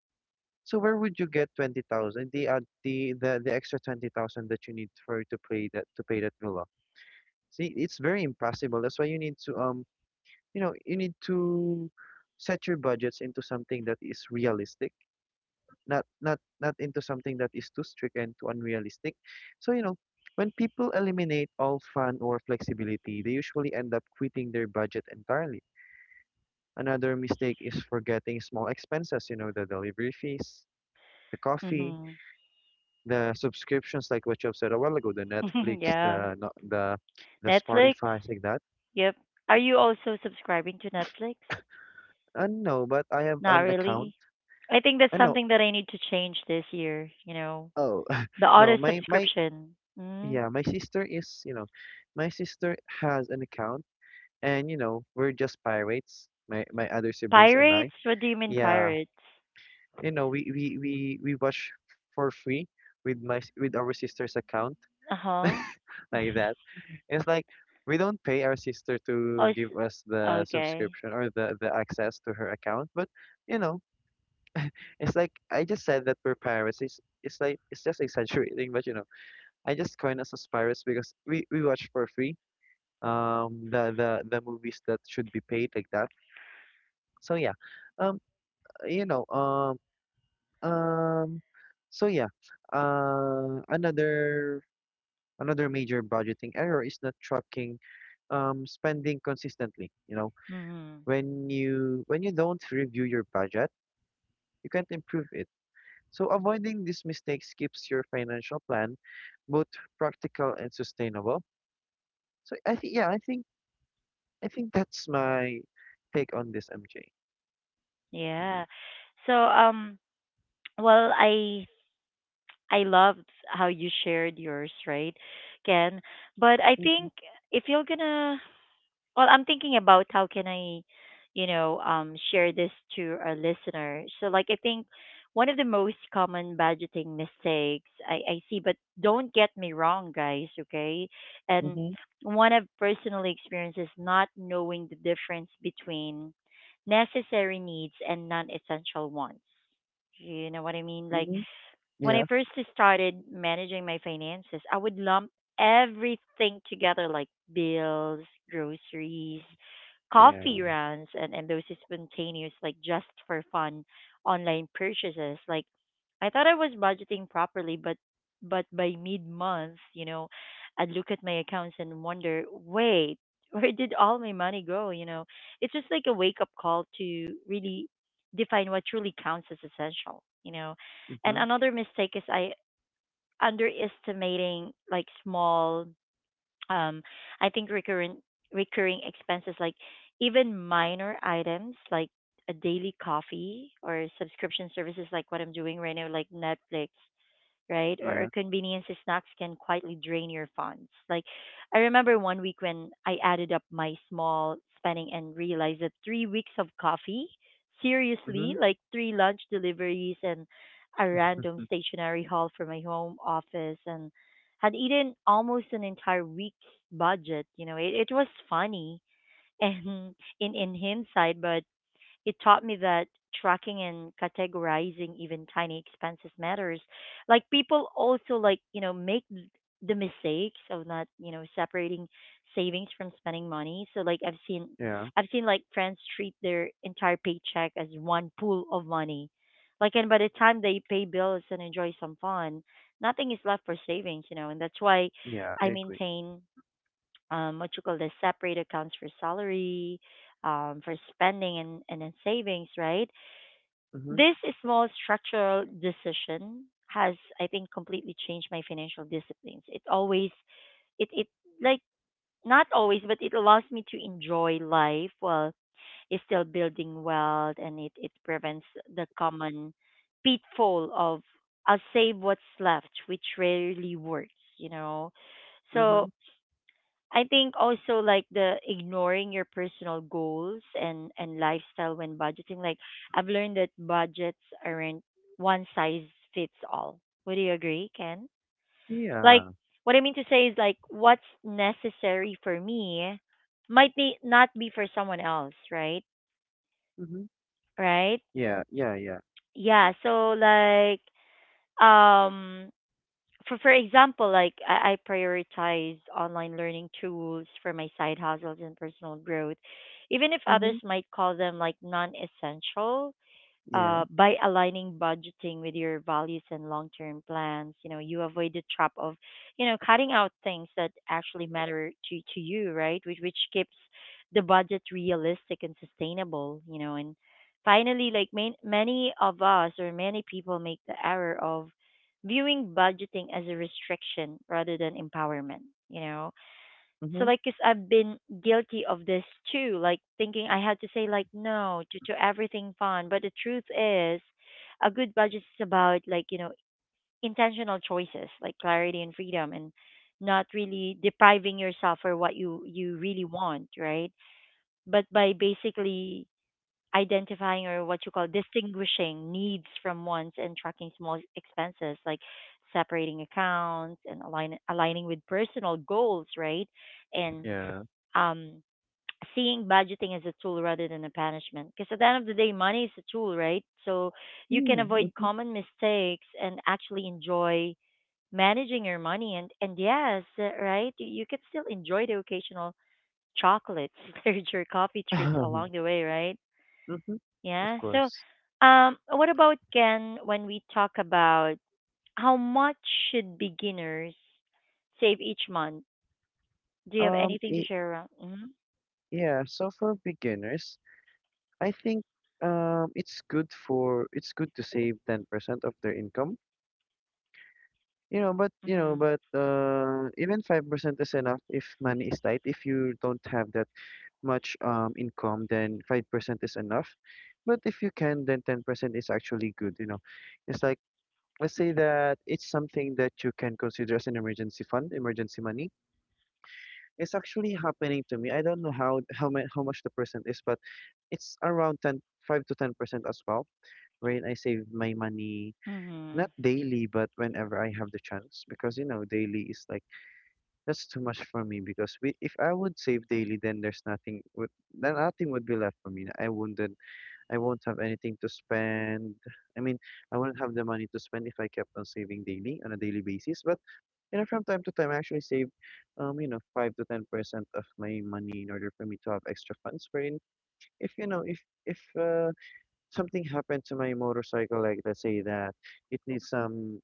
So where would you get 20,000? The, the extra 20,000 that you need for to pay that, to pay that villa. See, it's very impossible. That's why you need to, you know, you need to set your budgets into something that is realistic, not into something that is too strict and too unrealistic. So, you know, when people eliminate all fun or flexibility, they usually end up quitting their budget entirely. Another mistake is forgetting small expenses, you know, the delivery fees, the coffee,
Hmm.
the subscriptions like what you have said a while ago, the Netflix,
Yeah.
the the
Netflix.
Spotify like that.
Yep. Are you also subscribing to Netflix?
No, but I have
Not
an account.
really. I think that's
I know.
something that I need to change this year. You know,
Oh,
the
no,
auto
my my,
subscription. Mm.
yeah, my sister is, you know, my sister has an account. And, you know, we're just pirates, my other siblings and I.
Pirates? What do you mean
Yeah,
pirates?
you know, we watch for free with with our sister's account.
Uh huh.
Like that. It's like we don't pay our sister to
Oh,
give us the
okay.
subscription, or the access to her account, but, you know, it's like I just said that we're pirates. It's like it's just exaggerating, but, you know, I just coined us as pirates because we watch for free, the movies that should be paid like that. So yeah, um you know, um so yeah, another, another major budgeting error is not tracking, spending consistently. You know,
Hmm.
when you, when you don't review your budget, you can't improve it. So avoiding these mistakes keeps your financial plan both practical and sustainable. So I think, yeah, I think, I think that's my take on this, MJ.
Yeah. So, well, I loved how you shared yours, right, Ken? But I
Mhm.
think if you're gonna, well, I'm thinking about how can I, share this to our listener. So, like, I think one of the most common budgeting mistakes I see, but don't get me wrong, guys, okay? And
Mhm.
one I've personally experienced is not knowing the difference between necessary needs and non-essential wants. You know what I mean? Like,
Mhm.
when
Yeah.
I first started managing my finances, I would lump everything together, like bills, groceries, coffee
Yeah.
runs, and those spontaneous, like just for fun, online purchases. Like, I thought I was budgeting properly, but by mid month, I'd look at my accounts and wonder, wait, where did all my money go? It's just like a wake up call to really define what truly counts as essential. And
Mhm.
another mistake is I underestimating, like, small, um I think, recurrent recurring expenses, like even minor items, like a daily coffee or subscription services, like what I'm doing right now, like Netflix, right? Or
Yeah.
convenience snacks can quietly drain your funds. Like, I remember one week when I added up my small spending and realized that 3 weeks of coffee, seriously,
Mhm.
like three lunch deliveries and a random
Mhm.
stationery haul for my home office, and had eaten almost an entire week's budget. You know, it was funny, and in hindsight, but it taught me that tracking and categorizing even tiny expenses matters. Like, people also, like, make the mistakes of not, separating savings from spending money. So, like, I've seen
Yeah.
I've seen like friends treat their entire paycheck as one pool of money. Like, and by the time they pay bills and enjoy some fun, nothing is left for savings, and that's why
Yeah.
I
I agree.
maintain, what you call this separate accounts for salary, for spending, and then savings, right?
Mhm.
This small structural decision has, I think, completely changed my financial disciplines. It always, it, like, not always, but it allows me to enjoy life while it's still building wealth, and it prevents the common pitfall of, I'll save what's left, which rarely works, you know. So
Mhm.
I think also, like, the ignoring your personal goals and lifestyle when budgeting. Like, I've learned that budgets aren't one size fits all. Would you agree, Ken? Like,
Yeah.
what I mean to say is, like, what's necessary for me might be not be for someone else, right?
Mhm.
Right?
Yeah. Yeah. Yeah.
Yeah, so, like, um for example, like, I prioritize online learning tools for my side hustles and personal growth, even if others
Mhm.
might call them, like, non-essential.
Yeah.
By aligning budgeting with your values and long-term plans, you avoid the trap of, cutting out things that actually matter to you, right? Which keeps the budget realistic and sustainable. And finally, like, many of us, or many people, make the error of viewing budgeting as a restriction rather than empowerment, you know so,
Mhm.
like, cause I've been guilty of this too, like thinking I had to say, like, no to everything fun. But the truth is, a good budget is about, like, intentional choices, like clarity and freedom, and not really depriving yourself for what you really want, right? But by basically identifying, or what you call, distinguishing needs from wants, and tracking small expenses, like separating accounts, and aligning with personal goals, right? And,
Yeah.
um, seeing budgeting as a tool rather than a punishment. Because at the end of the day, money is a tool, right? So you can
Yeah.
avoid
Mhm.
common mistakes and actually enjoy managing your money. And, yes, right, you can still enjoy the occasional chocolates, there's your coffee treats along the way, right?
Mhm. Of
Yeah. So,
course.
what about Ken when we talk about how much should beginners save each month? Do you have anything to
I
share around? Mm-hmm.
yeah, so for beginners, I think, it's good for, it's good to save 10% of their income. You know, but you
Mm-hmm.
know, but, even 5% is enough if money is tight. If you don't have that much, income, then 5% is enough. But if you can, then 10% is actually good, you know. It's like, let's say that it's something that you can consider as an emergency fund, emergency money. It's actually happening to me. I don't know how, how much the percent is, but it's around ten, 5 to 10% as well, wherein I save my money,
Mm-hmm.
not daily, but whenever I have the chance. Because, you know, daily is like, that's too much for me. Because we, if I would save daily, then there's nothing, would, then nothing would be left for me. I wouldn't, I won't have anything to spend. I mean, I wouldn't have the money to spend if I kept on saving daily on a daily basis. But, you know, from time to time, I actually save, you know, 5 to 10% of my money in order for me to have extra funds, wherein, if you know, if, something happened to my motorcycle, like let's say that it needs some,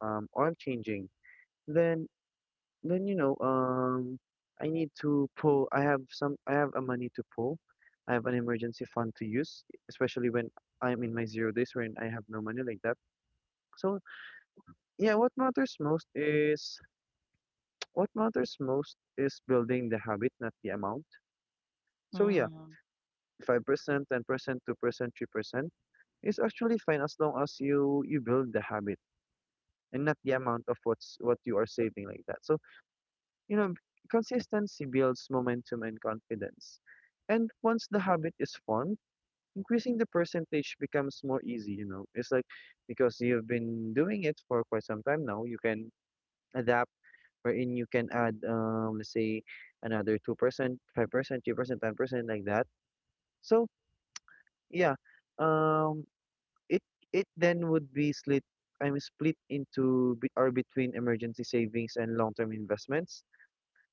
oil changing, then then, you know, I need to pull. I have some. I have a money to pull. I have an emergency fund to use, especially when I'm in my zero days when I have no money like that. So yeah, what matters most is what matters most is building the habit, not the amount. So yeah,
Mm.
5%, 10%, 2%, 3% is actually fine as long as you build the habit, and not the amount of what's what you are saving like that. So, you know, consistency builds momentum and confidence, and once the habit is formed, increasing the percentage becomes more easy, you know. It's like, because you've been doing it for quite some time now, you can adapt wherein you can add, let's say another 2%, 5%, 3%, 10% like that. So yeah, um it, it then would be split. I'm split into be- or between emergency savings and long-term investments,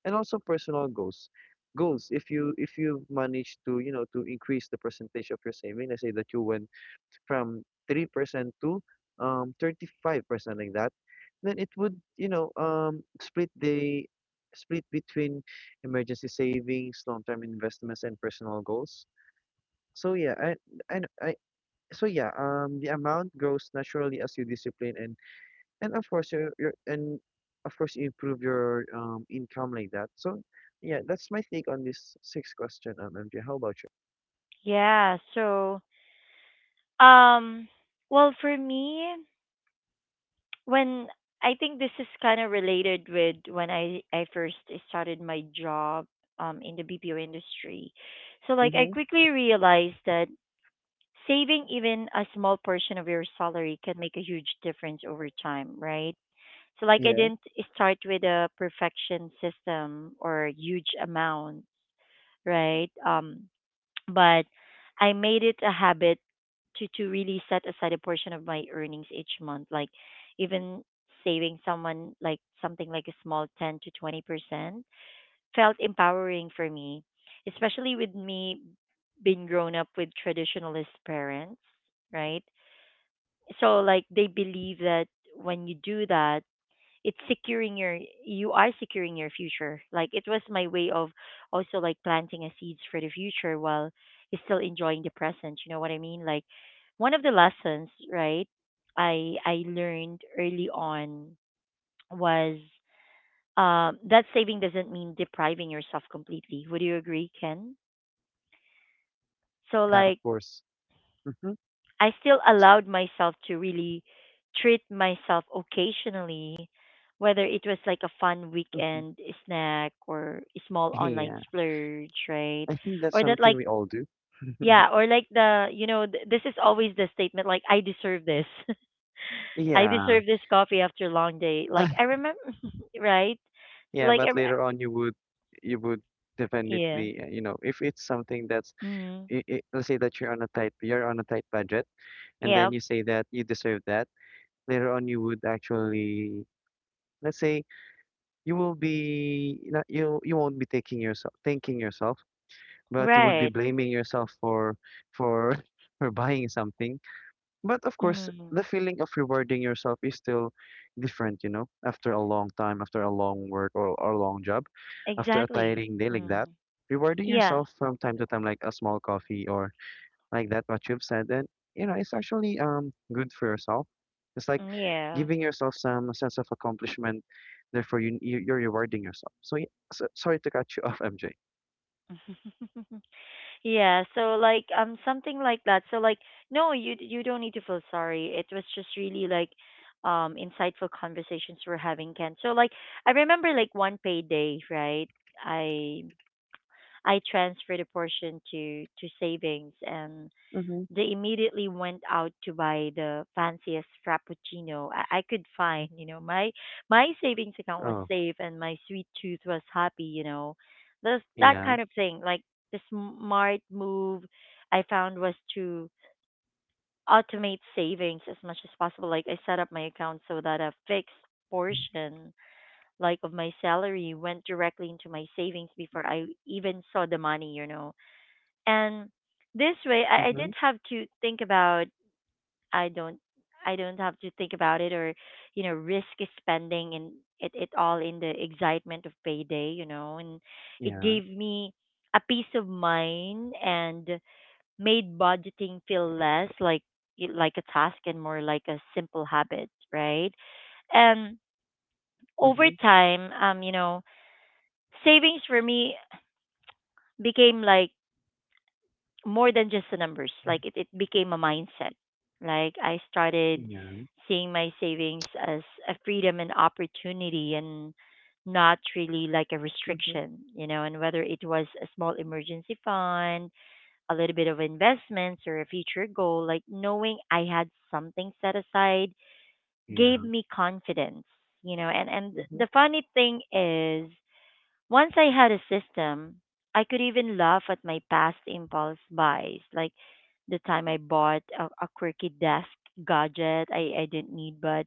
and also personal goals. Goals. If you, if you manage to, you know, to increase the percentage of your saving, let's say that you went from 3% to, 35% like that, then it would, you know, split the, split between emergency savings, long-term investments, and personal goals. So yeah, I so yeah, the amount grows naturally as you discipline and of course your, and of course you improve your, income like that. So yeah, that's my take on this sixth question, MJ. How about you?
Yeah. So, um, well, for me, when I think this is kind of related with when I first started my job, in the BPO industry. So, like, I
Mm-hmm.
quickly realized that saving even a small portion of your salary can make a huge difference over time, right? So, like, I
Yeah,
didn't start with a perfection system or huge amount, right? But I made it a habit to really set aside a portion of my earnings each month, like, even saving someone like something like a small 10 to 20% felt empowering for me, especially with me being grown up with traditionalist parents, right? So, like, they believe that when you do that, it's securing your you are securing your future. Like, it was my way of also, like, planting a seeds for the future while still enjoying the present. You know what I mean? Like, one of the lessons, right, I learned early on was, that saving doesn't mean depriving yourself completely. Would you agree, Ken? So,
yeah, of
like,
course. Mm-hmm.
I still allowed myself to really treat myself occasionally, whether it was like a fun
Hmm.
weekend snack or a small online
Yeah,
splurge, right?
I think that's
Or that,
something
like,
we all do.
yeah, or like the, this is always the statement, like, I deserve this. I
Yeah.
deserve this coffee after a long day. Like,
Ah,
I remember, right? So,
yeah,
like,
but later on you would, you would
yeah.
definitely, you know, if it's something that's,
Mm.
I let's say that you're on a tight, you're on a tight budget, and then
Yeah.
you say that you deserve that, later on you would actually, let's say, you will be not, you, you won't be taking yourself, thanking yourself, but you would be
Right.
blaming yourself for for buying something. But of course,
Mm.
the feeling of rewarding yourself is still different, you know, after a long time, after a long work, or a long job, after a
Exactly.
tiring day like that,
Mm.
rewarding
Yeah.
yourself from time to time, like a small coffee or, like that, what you've said. And, you know, it's actually, good for yourself. It's like
Mm, yeah.
giving yourself some sense of accomplishment. Therefore, you, you're rewarding yourself. So, yeah, so sorry to cut you off, MJ.
Yeah, so, like, something like that. So, like, no, you don't need to feel sorry. It was just really, like, insightful conversations we're having, Ken. So, like, I remember like one payday, right? I I transferred a portion to savings, and
Mm-hmm.
they immediately went out to buy the fanciest frappuccino I could find. My savings account was
Oh.
safe and my sweet tooth was happy. You know, the that
Yeah.
kind of thing. Like, the smart move I found was to automate savings as much as possible. Like, I set up my account so that a fixed portion, like, of my salary went directly into my savings before I even saw the money. And this way, I
Mm-hmm.
didn't have to think about, I don't I don't have to think about it, or, risk spending, and it all in the excitement of payday, and it
Yeah.
gave me a peace of mind and made budgeting feel less like a task and more like a simple habit, right? And over
Mm-hmm.
time, savings for me became, like, more than just the numbers. Like, it became a mindset. Like, I started
Yeah.
seeing my savings as a freedom and opportunity and not really like a
Mm-hmm.
restriction, and whether it was a small emergency fund, a little bit of investments, or a future goal, like, knowing I had something set aside gave
Yeah.
me confidence, and
Mm-hmm.
the funny thing is, once I had a system, I could even laugh at my past impulse buys, like the time I bought a quirky desk gadget I didn't need, but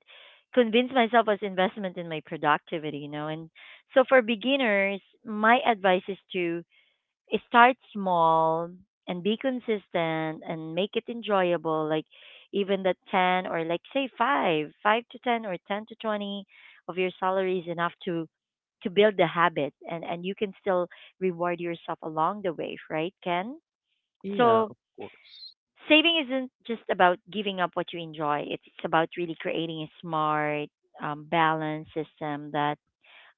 convinced myself was investment in my productivity. And so, for beginners, my advice is to start small and be consistent and make it enjoyable, like even the 10, or, like, say 5 5 to 10 or 10 to 20 of your salary is enough to build the habit, and you can still reward yourself along the way, right, Ken?
Yeah,
So
of course.
saving isn't just about giving up what you enjoy. It's about really creating a smart, balanced system that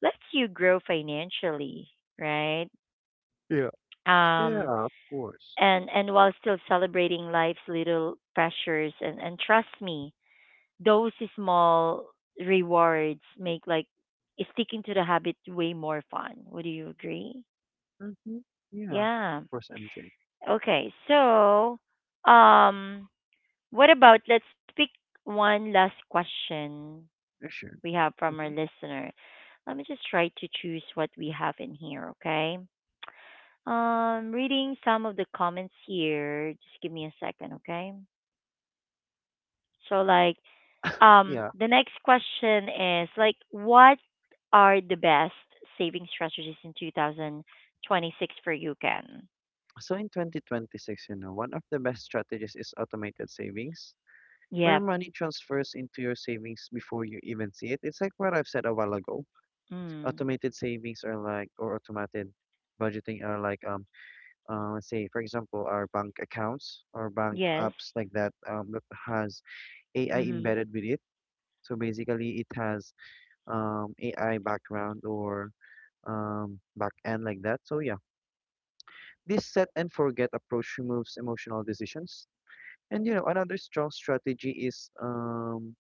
lets you grow financially, right?
Yeah,
um
yeah, of course.
And, while still celebrating life's little pressures, and trust me, those small rewards make, like, sticking to the habit way more fun. Would you agree?
Mm-hmm. Yeah,
Yeah.
of course, MJ.
Okay, so, um what about, let's pick one last question
Yeah, sure.
we have from our
Mm-hmm.
listener. Let me just try to choose what we have in here. Okay. Reading some of the comments here, just give me a second. Okay. So, like,
Yeah,
the next question is, like, what are the best saving strategies in 2026 for you, Ken?
so in 2026, you know, one of the best strategies is automated savings, where
Yep.
money transfers into your savings before you even see it. It's like what I've said a while ago.
Mm.
Automated savings are like, or automated budgeting are like, let's say for example, our bank accounts or bank
Yes.
apps like that, that has AI
Mm-hmm.
embedded with it. So basically, it has, AI background or, back end like that. So yeah, this set and forget approach removes emotional decisions. And, you know, another strong strategy is,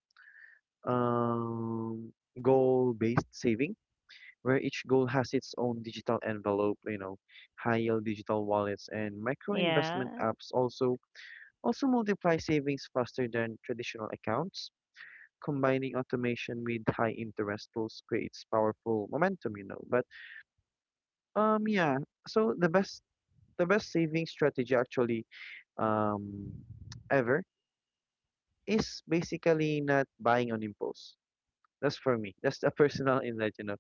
um, goal-based saving, where each goal has its own digital envelope, you know. High-yield digital wallets and micro-investment
Yeah.
apps also, also multiply savings faster than traditional accounts. Combining automation with high interest tools creates powerful momentum, you know. But, yeah, so the best, the best saving strategy actually, um ever is basically not buying on impulse. That's for me. That's a personal inlet, you know.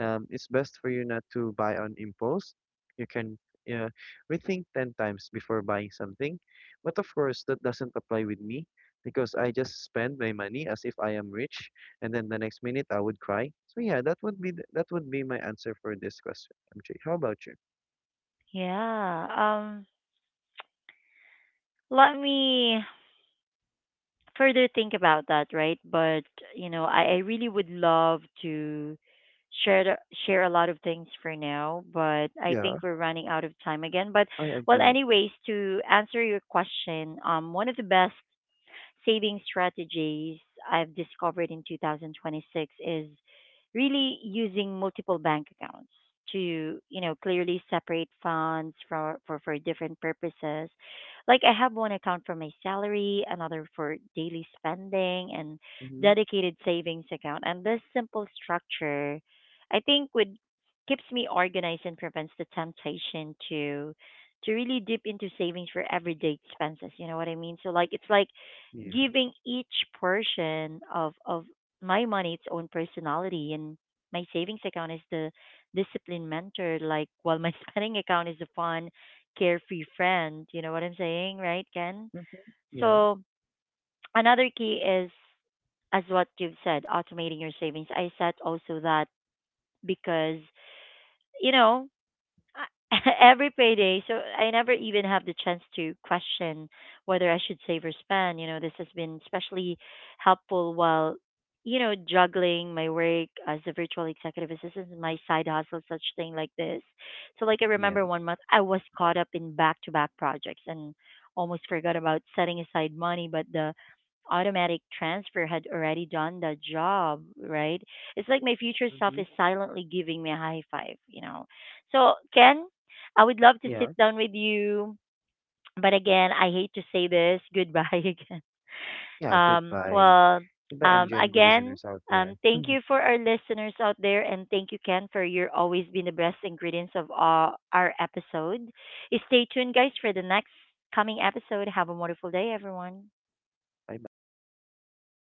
It's best for you not to buy on impulse. You can, uh, rethink 10 times before buying something. But of course, that doesn't apply with me because I just spend my money as if I am rich, and then the next minute I would cry. So yeah, that would be that would be my answer for this question, MJ. How about you?
Yeah. Let me further think about that, right? But, I really would love to share the- share a lot of things for now, but I
Yeah,
think we're running out of time again. But,
I
well,
agree.
anyways, to answer your question, one of the best saving strategies I've discovered in 2026 is really using multiple bank accounts to, clearly separate funds for different purposes. Like, I have one account for my salary, another for daily spending, and
Mm-hmm.
dedicated savings account. And this simple structure, I think, would keeps me organized and prevents the temptation to really dip into savings for everyday expenses. You know what I mean? So, like, it's like
Yeah.
giving each portion of my money its own personality, and my savings account is the disciplined mentor, like, while my spending account is a fun, carefree friend. You know what I'm saying, right, Ken?
Mm-hmm. Yeah.
So another key is, as what you've said, automating your savings. I said also that, because, you know I- every payday. So I never even have the chance to question whether I should save or spend. This has been especially helpful while, juggling my work as a virtual executive assistant and my side hustle, such thing like this. So, like, I
Yeah.
remember one month I was caught up in back to back projects and almost forgot about setting aside money, but the automatic transfer had already done the job, right? It's like my future self
Mm-hmm.
is silently giving me a high five, so, Ken, I would love to sit
Yeah.
down with you, but again, I hate to say this. Goodbye again.
Yeah. Goodbye.
Well,
Goodbye, MJ and the
again,
listeners out there.
thank you for our listeners out there, and thank you, Ken, for your always being the best ingredients of, our episode. Stay tuned, guys, for the next coming episode. Have a wonderful day, everyone.
Bye bye.